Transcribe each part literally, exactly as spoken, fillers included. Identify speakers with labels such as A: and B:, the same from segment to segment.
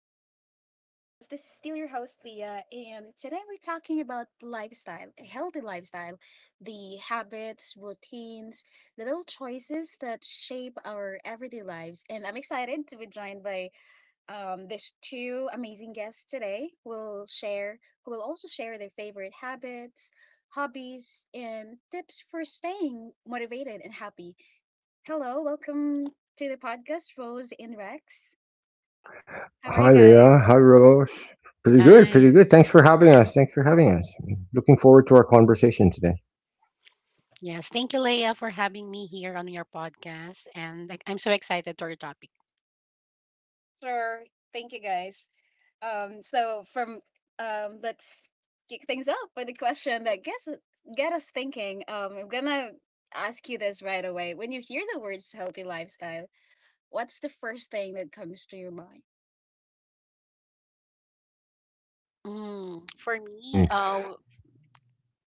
A: back to the podcast. This is still your host, Leah, and today we're talking about lifestyle, a healthy lifestyle, the habits, routines, the little choices that shape our everyday lives. And I'm excited to be joined by um, these two amazing guests today who will share, who will also share their favorite habits, hobbies, and tips for staying motivated and happy. Hello, welcome to the podcast, Rose and Rex. How are you
B: Hi,
A: guys?
B: Leah. Hi, Rose. Pretty good. Pretty
C: Hi.
B: good. Thanks for having us. Thanks for having us. Looking forward to our conversation today.
C: Yes, thank you, Leah, for having me here on your podcast. And like, I'm so excited for your topic.
A: Sure. Thank you guys. Um, so from um, Let's kick things up with a question that gets get us thinking. Um, I'm gonna ask you this right away. When you hear the words healthy lifestyle, what's the first thing that comes to your mind?
C: Mm, for me,
B: Hmm.
C: uh,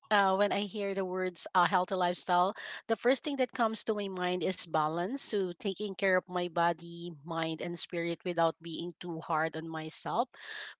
C: uh, when I hear the words uh, healthy lifestyle, the first thing that comes to my mind is balance. So, taking care of my body, mind, and spirit without being too hard on myself.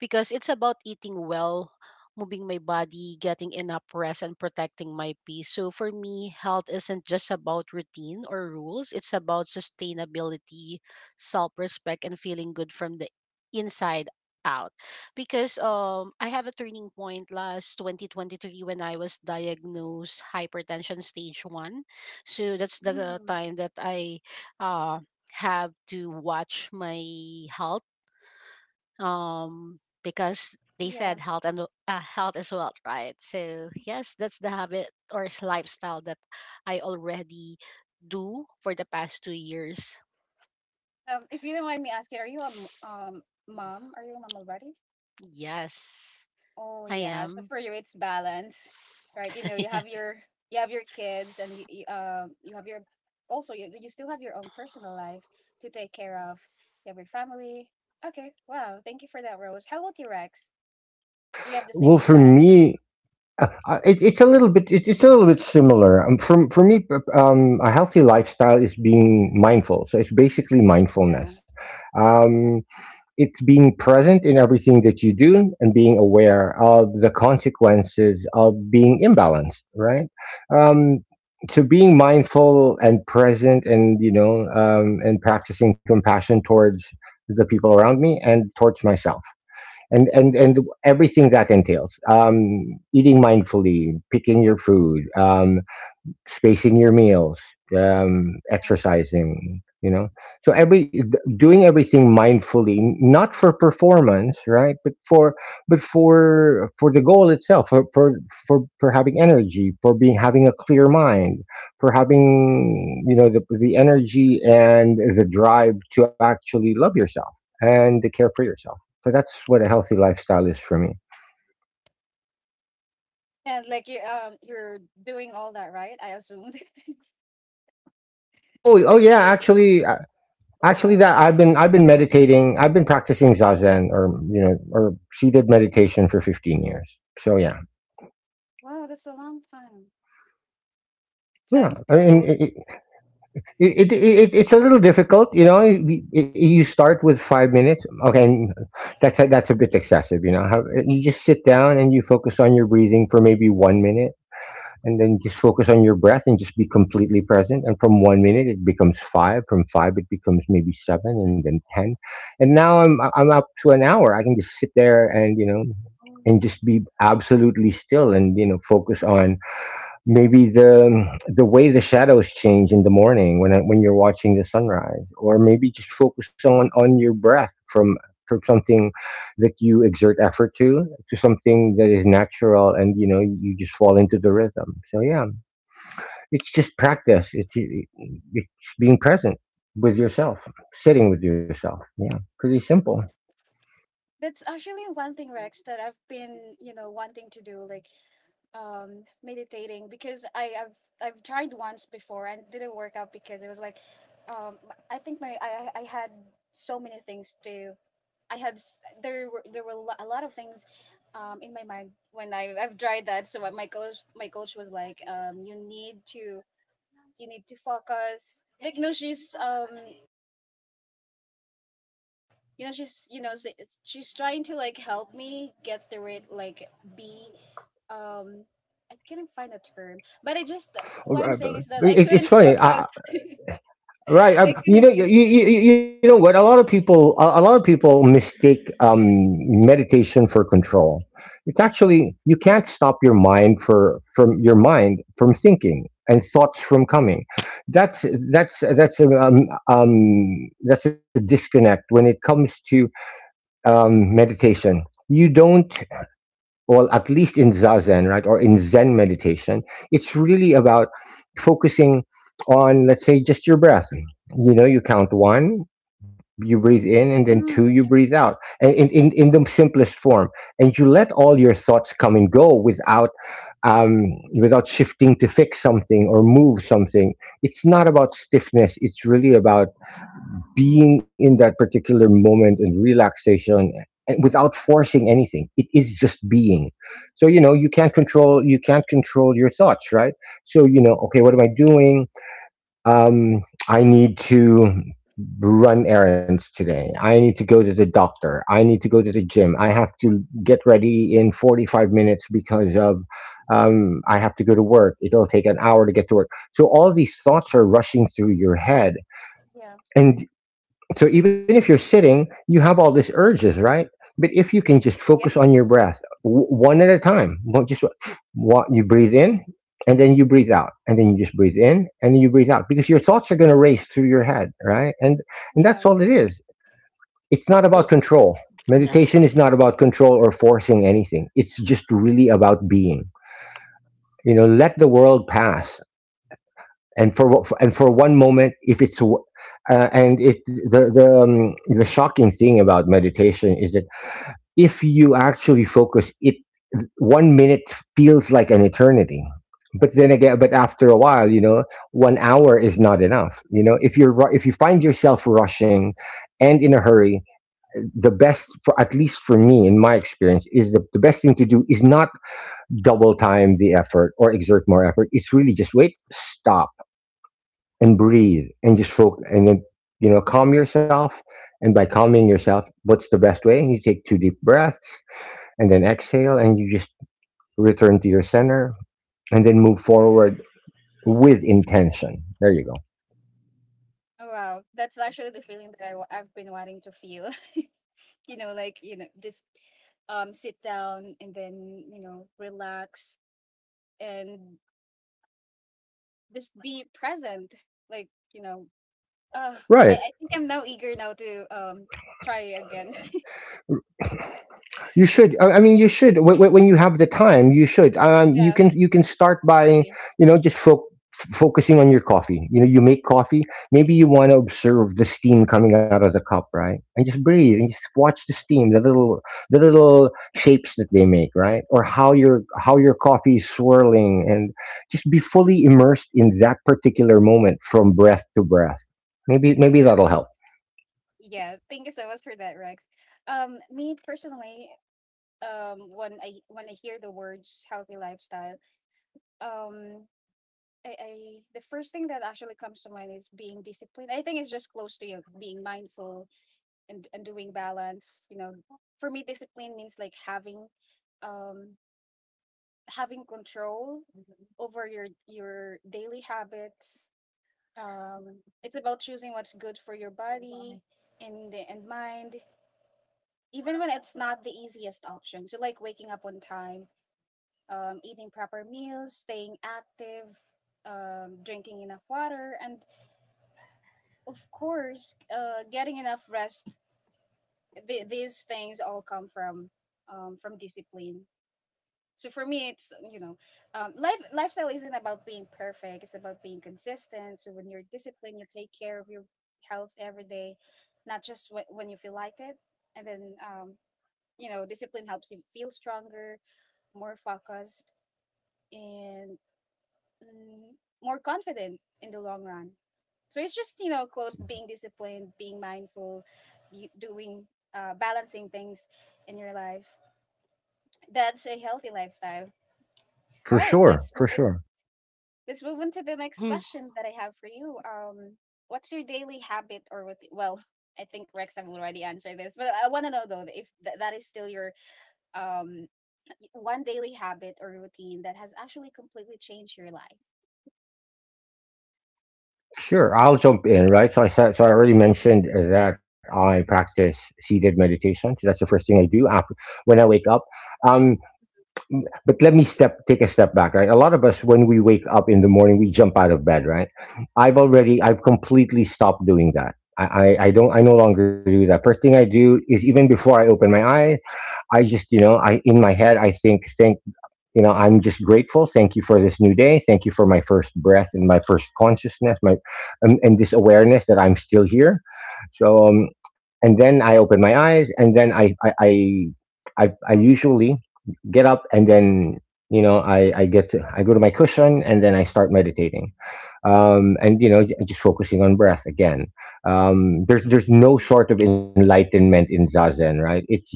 C: Because it's about eating well, moving my body, getting enough rest, and protecting my peace. So, for me, health isn't just about routine or rules, it's about sustainability, self respect, and feeling good from the inside out because um I have a turning point last twenty twenty-three when I was diagnosed hypertension stage one. So that's the time that I uh have to watch my health um because they
A: Yeah.
C: said health and w- uh, health as well, right? So yes, that's the habit or s- lifestyle that I already do for the past two years.
A: Um, if you don't mind me asking, are you a m- um mom? Are you a mom already?
C: Yes,
A: Oh
C: I
A: yeah. So
C: am.
A: for you, it's balance, right? You know, you have
C: Yes.
A: your you have your kids, and you, you, um you have your also you you still have your own personal life to take care of. You have your family. Okay. Wow. Thank you for that, Rose. How about you, Rex? Do you have the same
B: Well, for
A: thought as
B: me, uh, uh,
A: you?
B: it, it's a little bit. It, it's a little bit similar. Um, from for me, p- um, a healthy lifestyle is being mindful. So it's basically
A: Yeah.
B: mindfulness. Um, it's being present in everything that you do and being aware of the consequences of being imbalanced, right? um, so being mindful and present, and you know, um, and practicing compassion towards the people around me and towards myself, and and and everything that entails, um, eating mindfully, picking your food, um, spacing your meals, um,
A: Yeah.
B: exercising, you know. So every doing everything mindfully, not for performance, right, but for but for for the goal itself, for for for, for having energy, for being having a clear mind, for having, you know, the the energy and the drive to actually love yourself and to care for yourself. So that's what a healthy lifestyle is for me.
A: And like you um you're doing all that, right? I assumed.
B: Oh, oh
A: Like
B: yeah.
A: you.
B: Actually, Actually,
A: Wow.
B: that I've been, I've been meditating. I've been practicing zazen, or you know, or seated meditation for fifteen years. So yeah,
A: Wow. That's a long time.
B: yeah.
A: Sounds
B: I mean,
A: cool.
B: it, it, it, it, it's a little difficult, you know. You you- start with five minutes. Okay, and that's a, that's a bit excessive, you know. How, you just sit down and you focus on your breathing for maybe one minute. And then just focus on your breath and just be completely present. And from one minute, it becomes five. From five, it becomes maybe seven, and then ten. And now I'm I'm up to an hour. I can just sit there, and you know,
A: Oh.
B: and just be absolutely still, and you know, focus on maybe the the way the shadows change in the morning when when you're watching the sunrise, or maybe just focus on on your breath, from from something that you exert effort to to something that is natural, and you know, you just fall into the rhythm. So yeah, it's just practice. It's it's being present with yourself, sitting with yourself. Yeah, pretty simple.
A: That's actually one thing, Rex, that I've been, you know, wanting to do. Like, um meditating because I, I've I've tried once before and didn't work out because it was like um I think my I I I had so many things to I had s- there were there were a lo- a lot of things um in my mind when I I've tried that. So what my coach my coach was like, um you need to you need to focus. Like, you know, she's um you know she's, you know, s- it's- she's trying to like help me get through it like be um I couldn't find a term, but I just, what I'm saying
B: Uh,
A: is that I
B: but
A: couldn't
B: it, it's
A: focus.
B: funny. I,
A: I
B: Right. Um,
A: couldn't
B: you know,
A: focus.
B: you, you, you know what? A lot of people, a, a lot of people mistake um, meditation for control. It's actually, you
A: Mm,
B: can't stop your mind for from your mind from thinking and thoughts from coming. That's that's that's a, um, um, that's a disconnect when it comes to um, meditation. You don't, well, at least in Zazen, right, or in Zen meditation, it's really about focusing on, let's say, just your breath. You know, you count one, you breathe in, and then two, you
A: mm,
B: breathe out, and in, in, in the simplest form. And you let all your thoughts come and go without, um, without shifting to fix something or move something. It's not about stiffness. It's really about being in that particular moment, and relaxation, and without forcing anything. It is just being. So you know, you can't control, you can't control your thoughts, right? So you know, okay, what am I doing? um I need to run errands today, I need to go to the doctor, I need to go to the gym, I have to get ready in forty-five minutes because of, um, I have to go to work. It'll take an hour
A: mhm.
B: to get to work. So all these thoughts are rushing through your head.
A: Yeah,
B: And so even if you're sitting, you have all these urges, right? But if you can just
A: yeah,
B: focus on your breath, w- one at a time, one- just what you breathe in and then you breathe out, and then you just breathe in and then you breathe out, because your thoughts are going to race through your head, right? And and
A: yeah.
B: that's all it is. It's not about
C: Mm-hmm.
B: control.
C: Yes.
B: Meditation is not about control or forcing anything. It's just really about being. You know, let the world pass, and for and for one moment, if it's w- uh, and it the, the, um, the shocking thing about meditation is that if you actually focus it, one minute feels like an eternity. But then again, but after a while, you know, one hour is not enough. You know, if you're ru- if you find yourself rushing and in a hurry, the best, for at least for me, in my experience, is the, the best thing to do is not double time the effort or exert more effort. It's really just wait, stop, and breathe, and just focus, and then you know, calm yourself. And by calming yourself, what's the best way? You take two deep breaths, and then exhale, and you just return to your center, and then move forward with intention. There you go.
A: Oh, wow, that's actually the feeling that I, wa- I've been wanting to feel. You know, like, you know, just um sit down and then, you know, relax and just be present, like, you know. Uh, I,
B: Right.
A: I think I'm now eager now to um try again.
B: You should. I I mean, you should. When, when when you have the time, you should. Um, you can.
A: Yeah,
B: You can start by,
A: surely.
B: you know, just fo- f- focusing on your coffee. You know, you make coffee. Maybe you want to observe the steam coming out of the cup, right? And just breathe and just watch the steam, the little, the
A: Mhm.
B: little shapes that they make, right? Or how your how your coffee is swirling, and just be fully immersed in that particular moment, from breath to breath. Maybe maybe that'll help.
A: Yeah, thank you so much for that, Rex. Um, me personally, um, when I when I hear the words healthy lifestyle, um, I, I, the first thing that actually comes to mind is being disciplined. I think it's just close to you, being mindful and and doing balance. You know, for me, discipline means like having, um, having control. Mhm. Over your your daily habits. Um, it's about choosing what's good for your body and and mind, even when it's not the easiest option. So like waking up on time, um, eating proper meals, staying active, um, drinking enough water, and of course, uh, getting enough rest. Th- these things all come from um, from discipline. So for me, it's, you know, um, life lifestyle isn't about being perfect, it's about being consistent. So when you're disciplined, you take care of your health every day, not just wh- when you feel like it. And then, um, you know, discipline helps you feel stronger, more focused, and mm, more confident in the long run. So it's just, you know, close, being disciplined, being mindful, you, doing, uh, balancing things in your life. That's a healthy lifestyle. All
B: For
A: right,
B: sure,
A: let's move
B: for
A: on.
B: sure.
A: Let's move on to the next question that I have for you. Um, what's your daily habit or what? Well, I think Rex have already answered this, but I want to know though if th- that is still your um one daily habit or routine that has actually completely changed your life.
B: Sure, I'll jump in, right? So I said, so I already mentioned, uh, that I practice seated meditation. So that's the first thing I do after, when I wake up. Um, but let me step, take a step back, right? A lot of us, when we wake up in the morning, we jump out of bed, right? I've already, I've completely stopped doing that. I, I, I don't, I no longer do that. First thing I do is, even before I open my eye, I just, you know, I, in my head, I think, thank you know, I'm just grateful. Thank you for this new day, thank you for my first breath and my first consciousness, my um, and this awareness that I'm still here. So um, and then I open my eyes, and then i i i, I, I usually get up, and then you know, I, I get to I go to my cushion, and then I start meditating, um, and you know, j- just focusing on breath again. Um, there's there's no
A: Mm,
B: sort of enlightenment in zazen, right? It's just,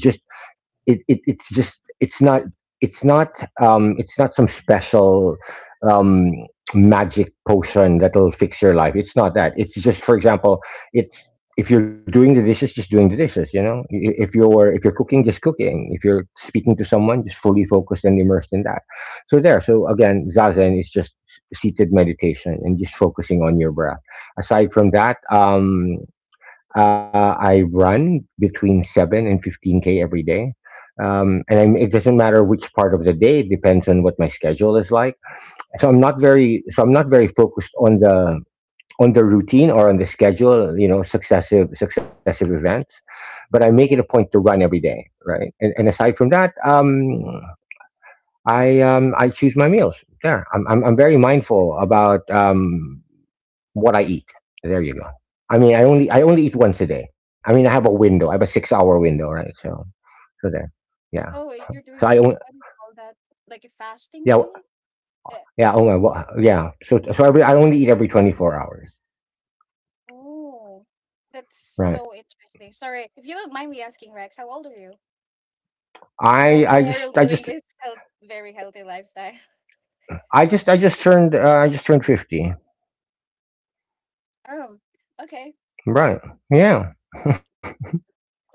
B: it, it it's just, it's not, it's not, um it's not some special, um magic potion that'll fix your life. It's not that. It's just, for example, it's, if you're doing the dishes, just doing the dishes. You know, I- if you're if you're cooking, just cooking. If you're speaking to someone, just fully focused and immersed in that. So there so again, zazen is just seated meditation and just focusing on your breath. Aside from that, um uh, I run between seven and fifteen k every day, um, and I'm, it doesn't matter which part of the day. It depends on what my schedule is like. So I'm not very so I'm not very focused on the on the routine or on the schedule. You know, successive successive events, but I make it a
A: yeah.
B: point to run every day, right? And, and aside from that, um, I um, I choose my meals. Yeah, I'm, I'm I'm very mindful about, um, what I eat. There you go. I mean, I only I only eat once a day. I mean, I have a window. I have a six hour window, right? So so there, yeah.
A: Oh, wait, you're
B: So
A: doing
B: I
A: like
B: only
A: what do you call that? Like a fasting
B: Yeah,
A: thing? Uh,
B: yeah. Oh my. Well, yeah. So so every, I only eat every twenty four hours,
A: oh, that's
B: right?
A: so interesting. Sorry, if you don't mind me asking, Rex, how old are you? Because
B: I
A: you're
B: I just
A: you're
B: I just
A: doing this health, very healthy lifestyle.
B: I just I just turned, uh, I just turned fifty,
A: Oh, okay.
B: right?
A: Cool.
B: Yeah, cool.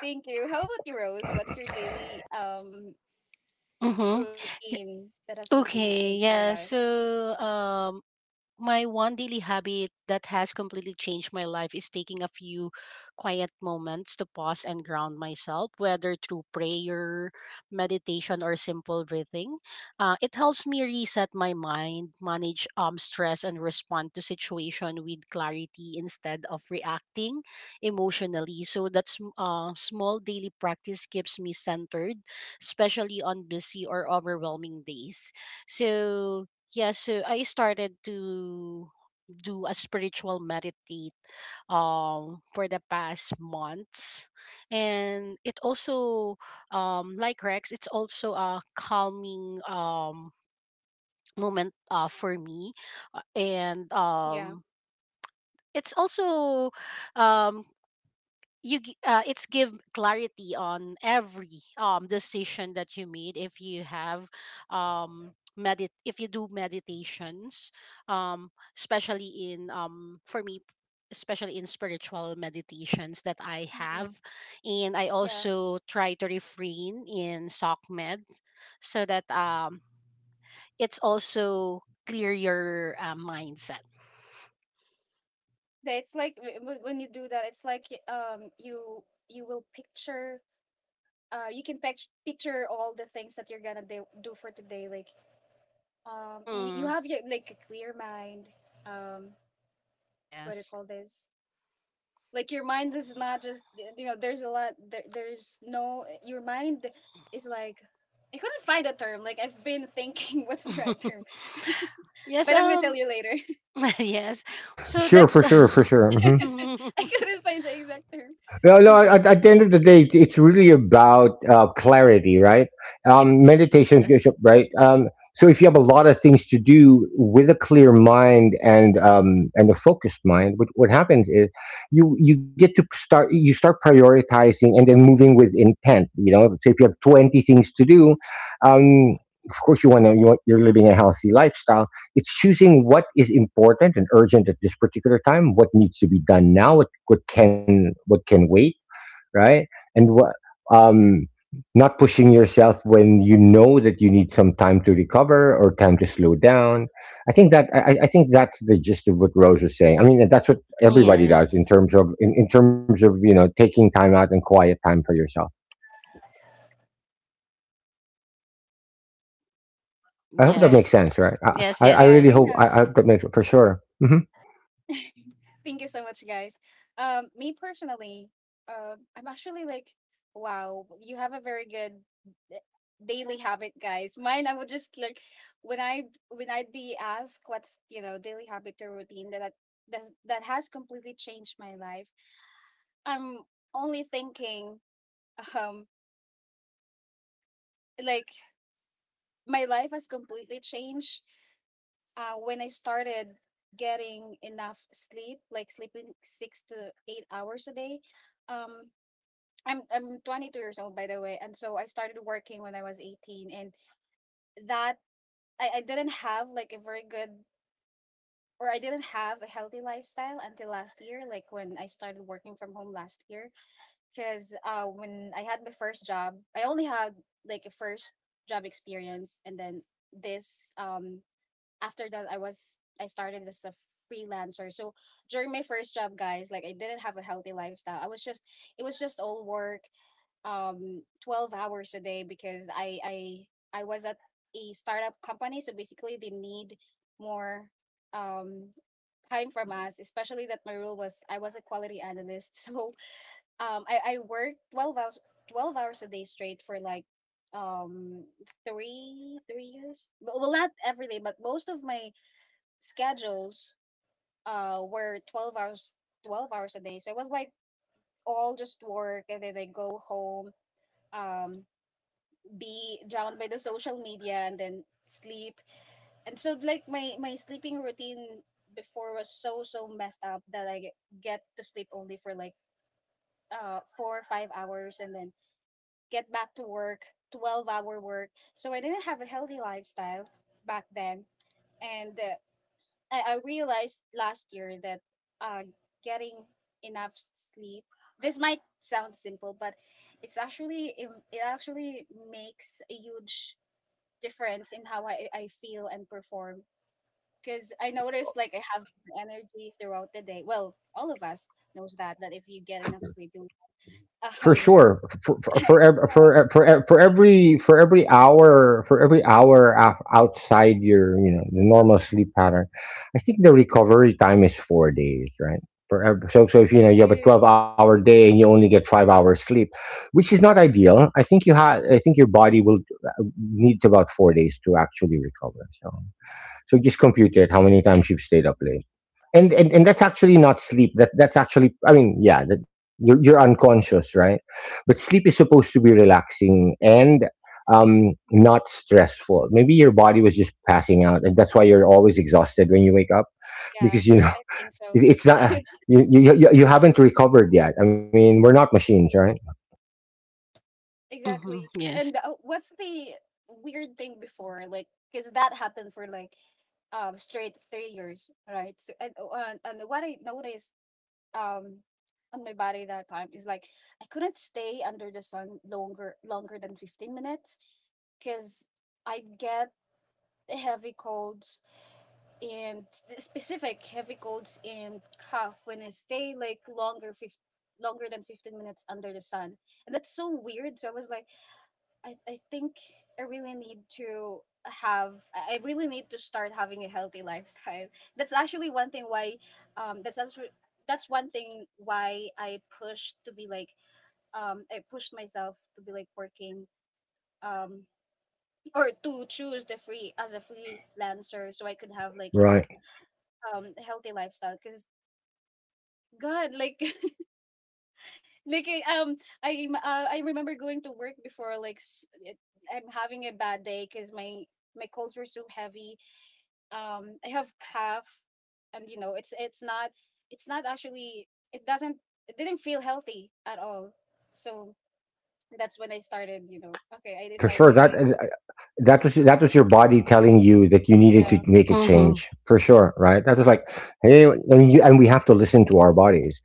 A: Thank you. How about you, Rose? What's your daily um
C: Mm-hmm.
A: routine that has completely changed
C: Okay,
A: your life?
C: yeah. So um, my one daily habit that has completely changed my life is taking a few quiet moments to pause and ground myself, whether through prayer, meditation, or simple breathing. Uh, it helps me reset my mind, manage um, stress, and respond to situation with clarity instead of reacting emotionally. So that's sm- uh, small daily practice keeps me centered, especially on busy or overwhelming days. So yeah, so I started to do a spiritual meditate um for the past months and it also, um like Rex, it's also a calming um moment uh for me. Uh, and
A: Yeah.
C: um it's also, um you gi- uh, it's give clarity on every um decision that you made if you have um medit if you do meditations, um especially in, um for me, especially in spiritual meditations that I
A: Hmm.
C: have. And I
A: Yeah.
C: also try to refrain in SOCMED so that um it's also clear your uh, mindset.
A: That, it's like w- w- when you do that, it's like y- um you, you will picture, uh you can pict- picture all the things that you're gonna do do for today, like um you, you
C: Mhm.
A: have your, like, a clear mind. Um, what do you
C: Yes.
A: call this? Like your mind is not just, you know, there's a lot, there, there's no, your mind is like, I couldn't find a term. Like, I've been thinking, what's the right term?
C: Yes.
A: But I'm gonna tell
C: Um
A: you later.
C: yes. So
B: Sure,
C: that's
B: for sure, for sure. Hmm.
A: I couldn't find the exact term.
B: Well, no, at, at the end of the day, it's, it's really about, uh, clarity, right?
A: Yeah.
B: Um, meditation,
C: yes.
B: right? Um, so if you have a lot of things to do with a clear mind, and um, and a focused mind, what, what happens is, you you get to start, you start prioritizing, and then moving with intent. You know, so if you have twenty things to do, um, of course you want to, you want, you're living a healthy lifestyle. It's choosing what is important and urgent at this particular time, what needs to be done now, what what can, what can wait, right? And what um not pushing yourself when you know that you need some time to recover or time to slow down. I think that I, I I think that's the gist of what Rose was saying. I mean, that's what everybody does
C: Yes.
B: in terms of, in, in terms of, you know, taking time out and quiet time for yourself. I hope that
A: Yes,
B: makes
C: Yes.
A: for
B: sense,
A: sure.
B: right? I
C: Yes,
B: I, I
C: yes,
A: Yeah,
B: really
C: yes.
B: hope
A: yeah,
B: I, I hope that makes for sure. Mhm.
A: yeah. Thank you so much, guys. Um, me personally, uh, I'm actually like, wow, you have a very good d- daily habit, guys. Mine, I would just like, when I when I'd be asked what's, you know, daily habit or routine that that that has completely changed my life. I'm only thinking, um, like my life has completely changed. Uh, when I started getting enough sleep, like sleeping six to eight hours a day, um I'm I'm twenty-two years old, by the way, and so I started working when I was eighteen, and that I, I didn't have like a very good, or I didn't have a healthy lifestyle until last year, like when I started working from home last year. Because uh, when I had my first job, I only had like a first job experience, and then this um after that, I was I started as a freelancer. So during my first job, guys, like I didn't have a healthy lifestyle. I was just, it was just all work, um twelve hours a day, because I I I was at a startup company. So basically, they need more um time from us, especially that my role was, I was a quality analyst. So um I I worked twelve hours twelve hours a day straight for like um three three years. But well, not every day, but most of my schedules uh were twelve hours twelve hours a day. So it was like all just work, and then I go home, um be drowned by the social media and then sleep. And so like my my sleeping routine before was so so messed up that I get, get to sleep only for like uh four or five hours, and then get back to work, twelve hour work. So I didn't have a healthy lifestyle back then. And uh, I, I realized last year that uh getting enough sleep, this might sound simple, but it's actually, it, it actually makes a huge difference in how I, I feel and perform, because I noticed like I have more energy throughout the day. Well, all of us knows that, that if you get enough sleep, you
B: For
A: um
B: sure, for for for ev- for, for, for every for every hour for every hour af- outside your you know the normal sleep pattern. I think the recovery time is four days, right? For ev- so so if you know you have a
A: you,
B: twelve hour day and you only get five hours sleep, which is not ideal, i think you have I think your body will needs about four days to actually recover. So so just compute it how many times you've stayed up late. And and, and that's actually not sleep. That that's actually, I mean, yeah, that you're, you're unconscious, right? But sleep is supposed to be relaxing and um not stressful. Maybe your body was just passing out, and that's why you're always exhausted when you wake up
A: yeah,
B: because you know.
A: I think so.
B: it, it's not, you, you you you haven't recovered yet. I mean, we're not machines, right?
C: Mm-hmm.
A: Exactly.
C: Yes.
A: And uh, what's the weird thing before, like, because that happened for like um straight three years, right? So and uh, and what I noticed um on my body that time is like I couldn't stay under the sun longer longer than fifteen minutes, because I get heavy colds and s- specific heavy colds and cough when I stay like longer fif longer than fifteen minutes under the sun. And that's so weird, so I was like, I, I think I really need to have I I really need to start having a healthy lifestyle. That's actually one thing why, um that's actually, that's one thing why I pushed to be like um I pushed myself to be like working um or to choose the free as a freelancer so I could have like, you know,
B: Right,
A: um a healthy lifestyle. Because God, like, like I, um I, uh, I remember going to work before, like, s- it, I'm having a bad day because my my calls were so heavy, um I have calf, and, you know, it's it's not it's not actually, it doesn't, it didn't feel healthy at all. So that's when I started, you know, okay, I
B: for
A: decided
B: sure.
A: to
B: that
A: like,
B: that was that was your body telling you that you needed to
A: yeah,
B: make a
C: Mm-hmm.
B: change, for sure, right? That was like, hey. And, you, and we have to listen to our bodies.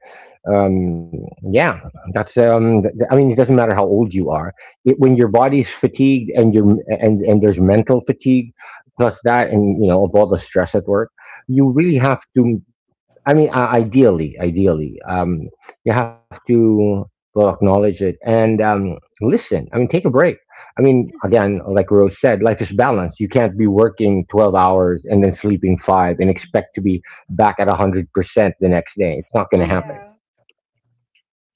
B: Um, yeah, that's. Um, th- th- I mean, it doesn't matter how old you are. It, when your
A: yeah,
B: body's fatigued and your and and there's mental fatigue plus that, and you know, of all the stress at work, you really have to. I mean, uh, ideally, ideally, um, you have to, well, acknowledge it and um, listen. I mean, take a break. I mean, again, like Rose said, life is balanced. You can't be working twelve hours and then sleeping five and expect to be back at one hundred percent the next day. It's not going to
C: Mm-hmm.
B: happen.
A: yeah.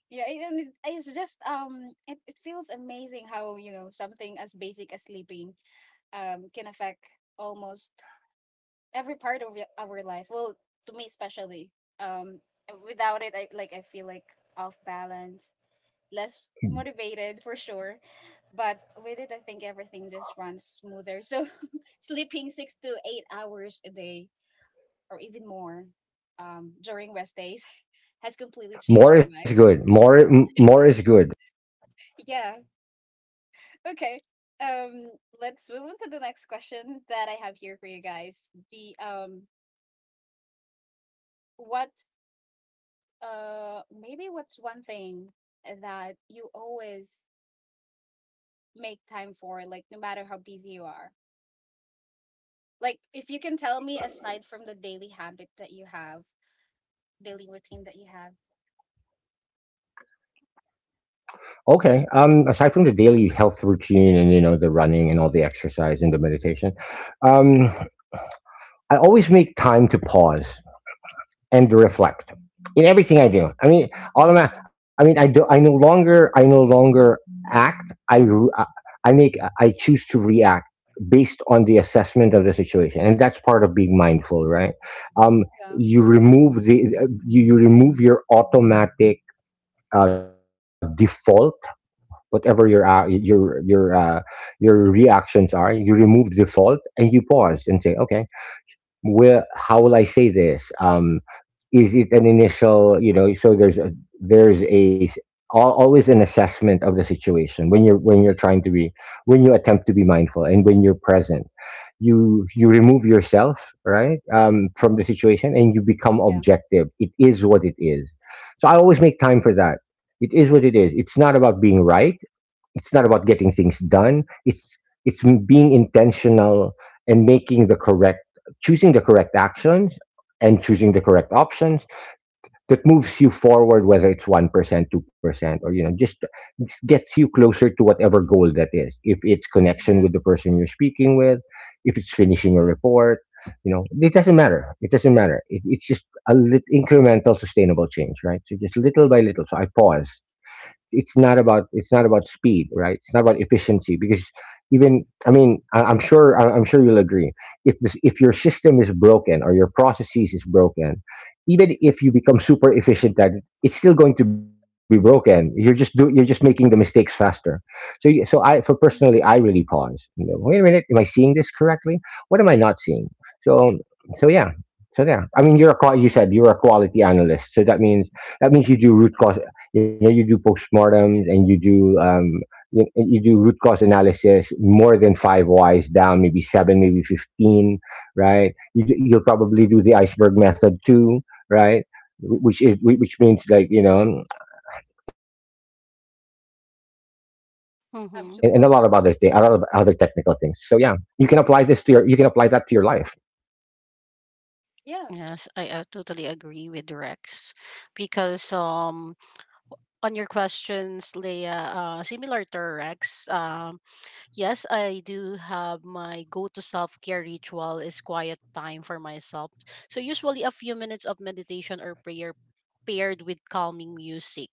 A: Yeah, it, and it, it's just um it, it feels amazing how, you know, something as basic as sleeping um can affect almost every part of y- our life. Well, to me especially. Um without it I like I feel like off balance, less motivated for sure, but with it I think everything just runs smoother. So sleeping six to eight hours a day or even more, um, during rest days has completely changed my
B: More is
A: life.
B: good. More, m- more is good.
A: Yeah. Okay. um let's move on to the next question that I have here for you guys. The um what uh maybe what's one thing that you always make time for, like no matter how busy you are? Like, if you can tell me, aside from the daily habit that you have, daily routine that you have.
B: Okay. Um, aside from the daily health routine and you know the running and all the exercise and the meditation, um, I always make time to pause and to reflect in everything I do. I mean, all of my, I mean, I do. I no longer. I no longer act. I. re- I I make. I choose to react based on the assessment of the situation, and that's part of being mindful, right? Um,
A: Yeah.
B: you remove the. uh, You, you remove your automatic uh, default. Whatever your uh, your your uh, your reactions are, you remove the default and you pause and say, okay, where how will I say this? Um is it an initial, you know? So there's a, there's a s- al- always an assessment of the situation when you're, when
A: Mm.
B: you're trying to be, when you attempt to be mindful, and when you're present, you you remove yourself, right, um, from the situation, and you become
A: Yeah,
B: objective. It is what it is. So I always make time for that. It is what it is. It's not about being right. It's not about getting things done. It's it's being intentional and making the correct, choosing the correct actions and choosing the correct options that moves you forward, whether it's one percent, two percent, or you know, just just gets you closer to whatever goal that is. If it's
A: yeah,
B: connection with the person you're speaking with, if it's finishing a report, you know, it doesn't matter. It doesn't matter. It, it's just a lit- incremental sustainable change, right? So just little by little. So I pause. It's not about, it's not about speed, right? It's not about efficiency because, even, I mean, I, I'm sure, I, I'm sure you'll agree, if this, if your system is broken or your processes is broken, even if you become super efficient at it, it's still going to be broken. You're just do, you're just making the mistakes faster. So you, so I, for personally, I really pause. You know, wait a minute, am I seeing this correctly? What am I not seeing? So, so yeah. So yeah, I mean, you're a qua- you said you're a quality analyst, so that means, that means you do root cause, you know, you do postmortems,
A: yeah,
B: and you do um you, you do root cause analysis more than five Y's down, maybe seven, maybe fifteen, right? you do, you'll probably do the iceberg method
A: absolutely,
B: too, right? Wh- which is whi- which means, like, you know, and, and a lot of other things, a lot of other technical things. So yeah,
C: Mm-hmm.
B: you
A: absolutely.
B: can apply this to your you can apply that to your life.
A: Yeah,
C: Yes, I uh totally agree with Rex because um on your questions, Leia, uh, similar to Rex, um, yes, I do have my go-to self-care ritual is quiet time for myself. So usually a few minutes of meditation or prayer paired with calming music.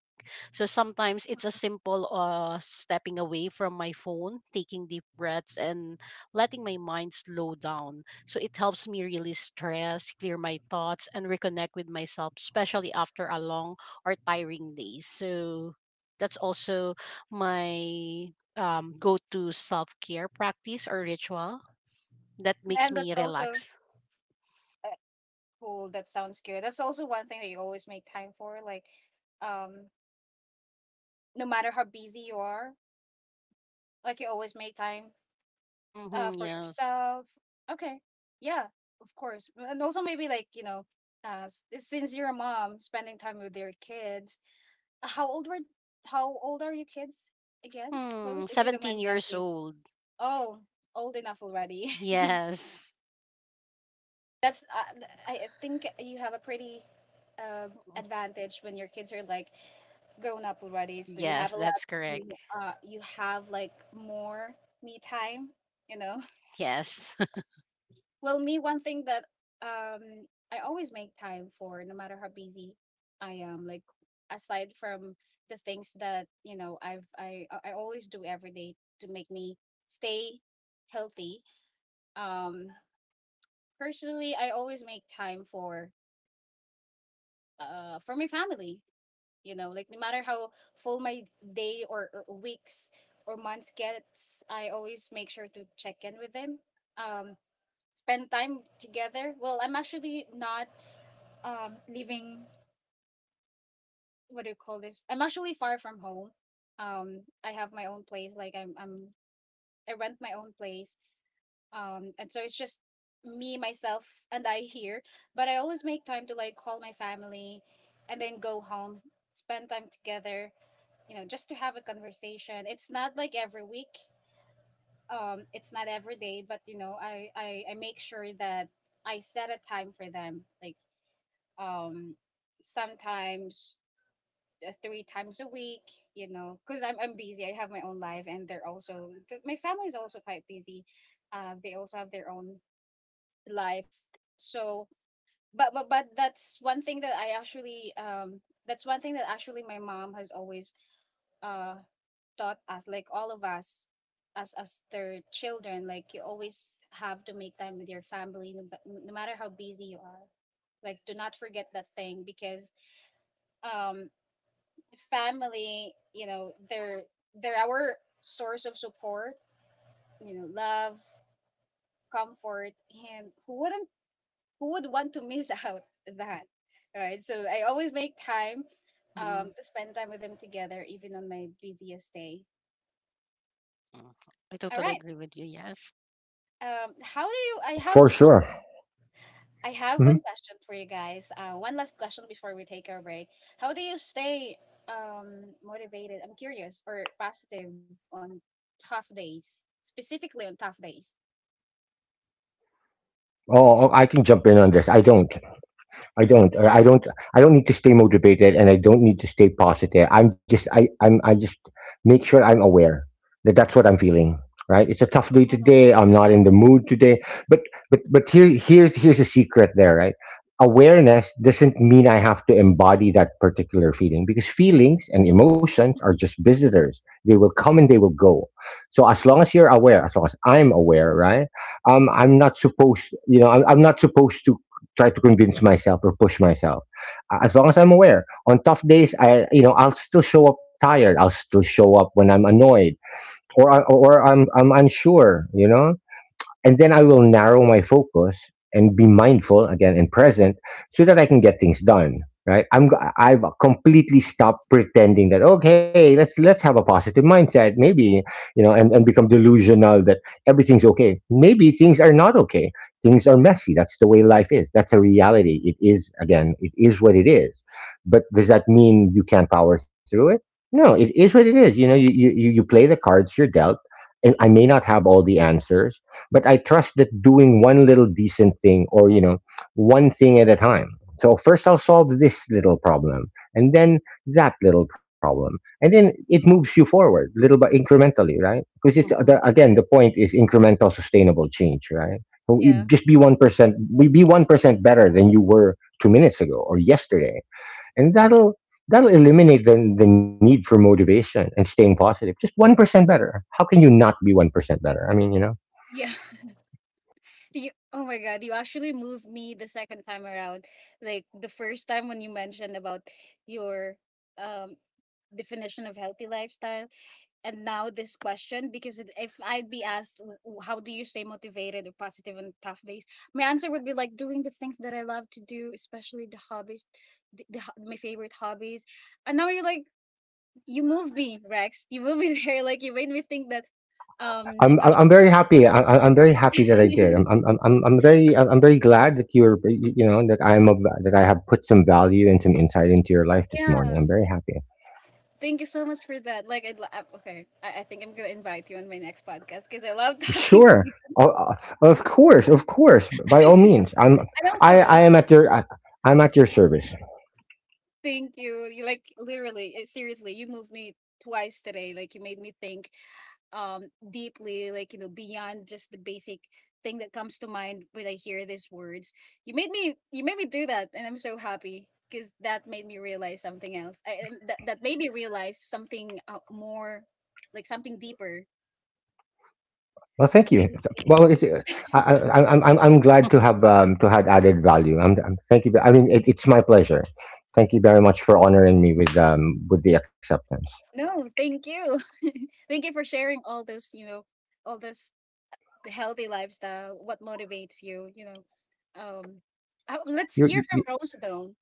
C: So sometimes it's a simple uh stepping away from my phone, taking deep breaths and letting my mind slow down. So it helps me release stress, clear my thoughts and reconnect with myself, especially after a long or tiring day. So that's also my um go-to self-care practice or ritual that makes
A: and that's
C: me
A: also
C: relax.
A: uh, cool. That sounds good. That's also one thing that you always make time for. Like, um, no matter how busy you are, like you always make time uh
C: Mhm,
A: for
C: yes.
A: yourself. Okay, yeah, of course. And also maybe, like, you know, uh, s- since you're a mom, spending time with your kids. How old were? How old are your kids again?
C: Hmm,
A: Rose, if you don't
C: seventeen
A: mind me
C: years
A: asking.
C: old.
A: Oh, old enough already.
C: Yes.
A: That's uh, th- I think you have a pretty uh, advantage when your kids are like grown up already. So you
C: Yes,
A: have a lot.
C: that's correct.
A: You, Uh, you have like more me time. You know.
C: Yes.
A: Well, me, one thing that um I always make time for, no matter how busy I am. Like, aside from the things that, you know, I've I I always do every day to make me stay healthy. Um, personally, I always make time for uh for my family, you know, like no matter how full my day, or, or weeks or months gets, I always make sure to check in with them, um spend time together. Well, I'm actually not um living, what do you call this, I'm actually far from home. um I have my own place, like i'm i'm I rent my own place, um and so it's just me, myself, and I here. But I always make time to, like, call my family and then go home, spend time together, you know, just to have a conversation. It's not like every week, um it's not every day, but you know, i i, I make sure that I set a time for them, like um sometimes uh, three times a week, you know, because I'm, I'm busy, I have my own life, and they're also 'cause my family is also quite busy. Uh, they also have their own life. So, but but but that's one thing that I actually um that's one thing that actually my mom has always uh taught us, like all of us as as their children, like you always have to make time with your family, no, ba- no matter how busy you are. Like, do not forget that thing because um family, you know, they're they're our source of support, you know, love, comfort, and who wouldn't, who would want to miss out that, right? So I always make time, um,
C: Hmm.
A: to spend time with them together even on my busiest day.
C: I
A: All
C: totally
A: right,
C: agree with you. Yes.
A: um, how do you, I
B: f-
A: have,
B: For sure.
A: I have one
B: Mhm.
A: question for you guys, uh, one last question before we take our break. How do you stay um, motivated, I'm curious, or positive on tough days, specifically on tough days?
B: Oh, oh, I can jump in on this. I don't I don't. I I don't. I don't need to stay motivated, and I don't need to stay positive. I'm just. I. I'm. I just make sure I'm aware that that's what I'm feeling. Right. It's a tough day
A: Oh.
B: today. I'm not in the mood today. But but but here, here's here's a secret there. Right. Awareness doesn't mean I have to embody that particular feeling, because feelings and emotions are
A: Mhm.
B: just visitors. They will come and they will go. So as long as you're aware, as long as I'm aware, right? um, I'm not supposed, you know, I'm, I'm not supposed to try to convince myself or push myself. Uh, As long as I'm aware, on tough days, I you know, I'll still show up tired. I'll still show up when I'm annoyed, or I- or I'm I'm unsure. You know, and then I will narrow my focus and be mindful again and present so that I can get things done. Right? I'm g- I've completely stopped pretending that, okay, let's let's have a positive mindset, maybe, you know, and and become delusional that everything's okay. Maybe things are not okay. Things are messy. That's the way life is. That's a reality. It is. Again, it is what it is. But does that mean you can't power through it? No, it is what it is. You know, you you you you play the cards you're dealt, and I may not have all the answers, but I trust that doing one little decent thing, or, you know, one thing at a time. So first I'll solve this little problem, and then that little problem. And then it moves you forward little by incrementally, right? Because it's the,
C: Hmm.
B: again, the point is incremental sustainable change, right? So you
A: Yeah.
B: just be one percent, we be one percent better than you were two minutes ago or yesterday. And that'll, that'll eliminate the, the need for motivation and staying positive. Just one percent better. How can you not be one percent better? I mean, you know?
A: Yeah. You, oh my god, you actually moved me the second time around. Like the first time when you mentioned about your um definition of healthy lifestyle, and now this question, because it- if I'd be asked w- w- how do you stay motivated or positive on tough days, my answer would be like doing the things that I love to do, especially the hobbies, the, the ho- my favorite hobbies. And now you're like, you moved me, Rex. You moved me there. Like, you made me think that um
B: I'm
A: I'm
B: I'm
A: actually
B: I'm very happy. I- I- I'm very happy that I did. I'm I'm I'm I'm I'm very I'm I'm very glad that you're, you you know that I'm a, that I have put some value and some insight into your life this
A: yeah.
B: morning. I'm very happy.
A: Thank you so much for that. Like, I'd lo- uh, okay, I, I think I'm gonna invite you on my next podcast because I love talking to
B: Sure.
A: you.
B: O- o- Of course, of course. By all
A: And
B: means. I'm
A: also,
B: I I
A: Rose,
B: am at your, I, I'm at your service.
A: thank you. You, like, literally, uh, seriously, you moved me twice today. Like, you made me think um deeply, like, you know, beyond just the basic thing that comes to mind when I hear these words. You made me, you made me do that, and I'm so happy because that made me realize something else. I um, that that made me realize something uh, more, like something deeper.
B: Well, thank you. Th- Well, it's, uh, I, I, I'm, I'm I'm glad to have um, to have added value. I'm, I'm, thank you. I mean, it, it's my pleasure. Thank you very much for honoring me with um, with the acceptance.
A: No, thank you. Thank you for sharing all those, you know, all this healthy lifestyle, what motivates you, you know. Um uh, let's
B: You,
A: hear
B: you,
A: from
B: you
A: Rose though.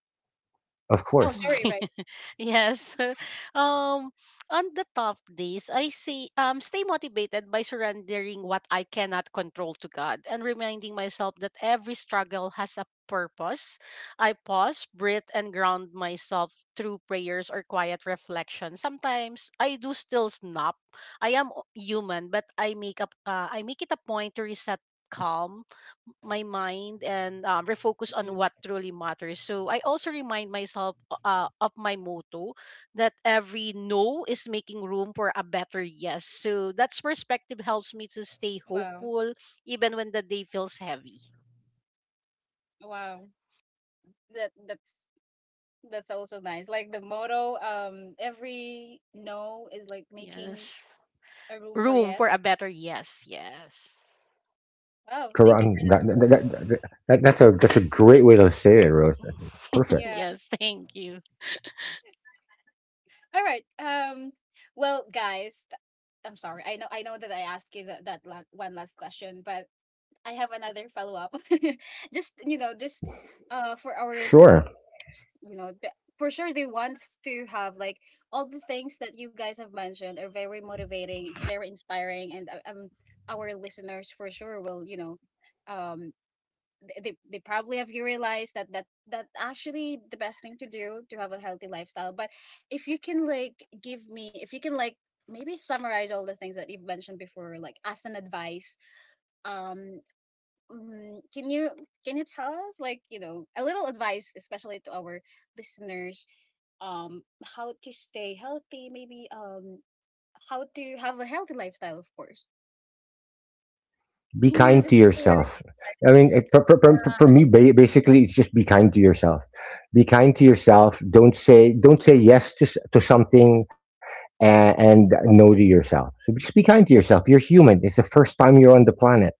B: of
A: Oh,
B: course.
A: sorry, Rex.
C: Yes. Um, on the tough days, I see. Um, stay motivated by surrendering what I cannot control to God and reminding myself that every struggle has a purpose. I pause, breathe, and ground myself through prayers or quiet reflection. Sometimes I do still snap. I am o- human, but I make up. Uh, I make it a point to reset, calm my mind and um, refocus on
A: Mhm.
C: what truly matters. So I also remind myself uh, of my motto that every no is making room for a better yes. So that's perspective helps me to stay
A: Wow.
C: hopeful even when the day feels heavy.
A: Wow. That that's that's also nice. Like the motto, um every no is like making
C: Yes.
A: a room for
C: Room
A: yes.
C: for a better yes. Yes.
A: Oh, thank you
B: Quran.
A: for that.
B: That, that, that, that, that- that's a, that's a great way to say it, Rose. Perfect.
A: Yeah.
C: Yes. Thank you.
A: All right. Um well, guys, th- I'm sorry. I know I know that I asked you that, that la- one last question, but I have another follow up. Just, you know, just uh for our listeners,
B: Sure.
A: you know, the, for sure they want to have, like, all the things that you guys have mentioned are very motivating. It's very inspiring, and, uh, um, our listeners for sure will, you know, um, th- they they probably have, you realized that that that actually the best thing to do to have a healthy lifestyle. But if you can, like, give me, if you can, like, maybe summarize all the things that you've mentioned before, like as an advice, um mm, can you, can you tell us, like, you know, a little advice, especially to our listeners, um how to stay healthy, maybe um how to have a healthy lifestyle, of course.
B: Be
A: Yeah,
B: kind to
A: just a few.
B: yourself. I mean, it, for, for, for for me, ba- basically, it's just be kind to yourself. Be kind to yourself. Don't say don't say yes to s- to something, and, and no to yourself. So just be kind to yourself. You're human. It's the first time you're on the planet,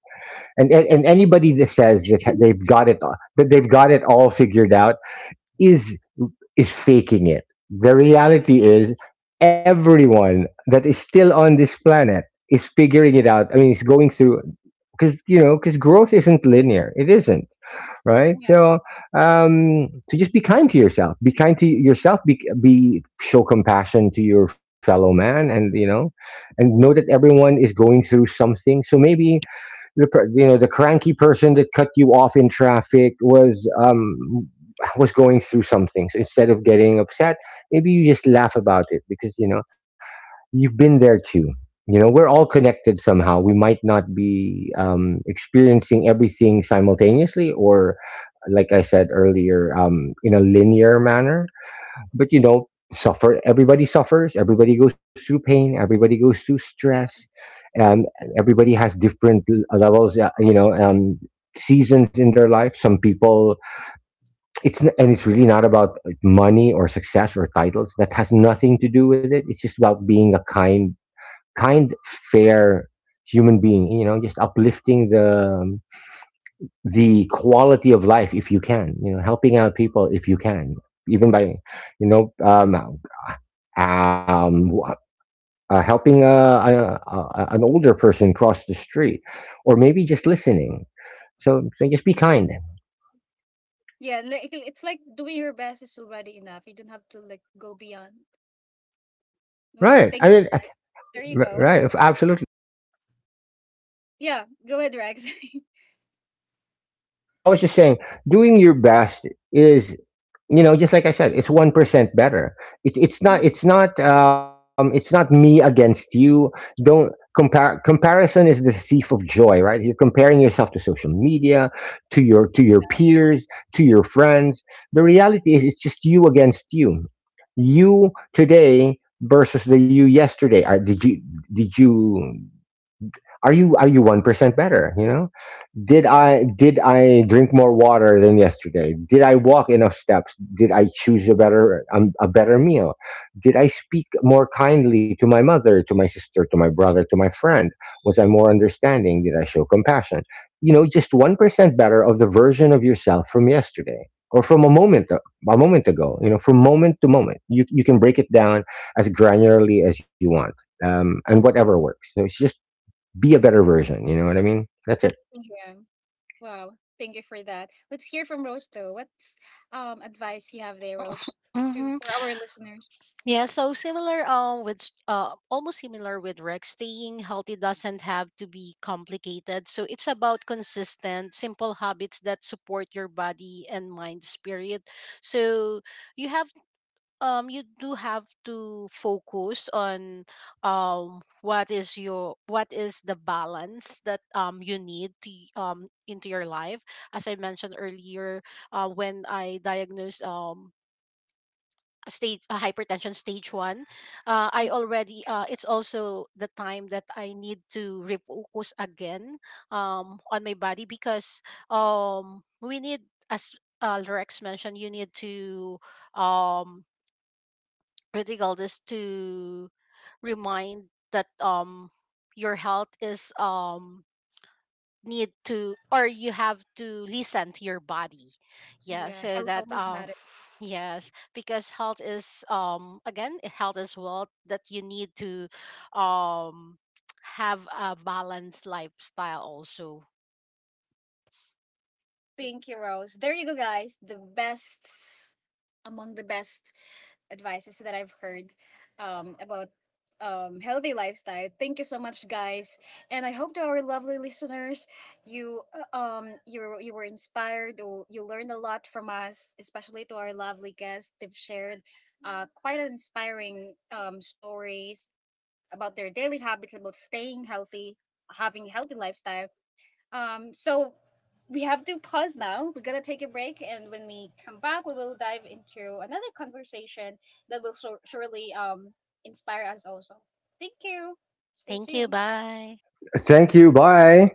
B: and and, and anybody that says that they've got it that they've got it all figured out is is faking it. The reality is everyone that is still on this planet is figuring it out. I mean, it's going through because, you know, because growth isn't linear. It isn't, right.
A: Yeah,
B: So um, so just be kind to yourself. Be kind to yourself. Be, be, show compassion to your fellow man, and you know, and know that everyone is going through something. So maybe the you know, the cranky person that cut you off in traffic was um was going through something. So instead of getting upset, maybe you just laugh about it, because you know, you've been there too. You know, we're all connected somehow. We might not be um experiencing everything simultaneously, or like I said earlier, um in a linear manner, but you know, suffer everybody suffers, everybody goes through pain, everybody goes through stress,
A: yeah,
B: and everybody has different l- levels, uh, you know, um seasons in their life. Some people, it's n- and it's really not about, like, money or success or titles. That has nothing to do with it. It's just about being a kind, kind, fair human being. You know, just uplifting the um, the quality of life if you can, you know, helping out people if you can, even by, you know, um, um, wh- uh, helping a, a, a, an older person cross the street, or maybe just listening. So, so just be kind.
A: yeah. Like, it's like doing your best is already enough. You don't have to, like, go beyond. Wow,
B: Right.
A: thank
B: I
A: you.
B: mean, uh,
A: There you
B: r-
A: go.
B: right. Absolutely.
A: Yeah, go ahead, Rex.
B: Just I was just saying, doing your best is, you know, just like I said, it's one percent better. It's it's not
A: Mhm.
B: it's not um it's not me against you. Don't compare. Comparison is the thief of joy, right? You're comparing yourself to social media, to your to your peers, to your friends. The reality is it's just you against you. You today versus the you yesterday. Are, did you, did you are you, are you one percent better? You know, did
A: Yeah,
B: I did I drink more water than yesterday? Did I walk enough steps? Did I choose a better um, a better meal? Did I speak more kindly to my mother, to my sister, to my brother, to my friend? Was I more understanding? Did I show compassion? You know, just one percent better of the version of yourself from yesterday, or from a moment, a moment ago. You know, from moment to moment, you you can break it down as granularly as you want, um, and whatever works. So it's just be a better version. You know what I mean? That's it.
A: thank you. Wow, thank you for that. Let's hear from Rose though. What's um advice you have there, Rose, to
C: Mhm.
A: for our listeners?
C: Yeah, so similar um with s- uh almost similar with Rex, staying healthy doesn't have to be complicated. So it's about consistent, simple habits that support your body and mind spirit. So you have, um you do have to focus on um what is your, what is the balance that um you need to y- um into your life. As I mentioned earlier, uh, when I diagnosed um stage uh, hypertension stage one, uh, I
A: Mhm.
C: already, uh, it's also the time that I need to refocus again um, on my body because, um, we need, as uh, Rex mentioned, you need to um, critical this to remind that um, your health is, um, need to, or you have to listen to your body. Yeah,
A: Yeah,
C: so
A: health
C: that
A: always
C: um
A: matters.
C: yes, because health is, um again, health is wealth, that you need to um have a balanced lifestyle also.
A: Thank you, Rose. There you go, guys. The best among the best advices that I've heard um, about um, healthy lifestyle. Thank you so much, guys, and I hope to our lovely listeners, you uh, um you you were inspired or you learned a lot from us, especially to our lovely guests. They've shared uh, quite an inspiring um, stories about their daily habits, about staying healthy, having a healthy lifestyle, um, so we have to pause now. We're gonna take a break, and when we come back, we will dive into another conversation that will sur- surely um inspire us also. Thank you. Stay
C: Thank you.
A: tuned.
C: Bye.
B: Thank you. Bye.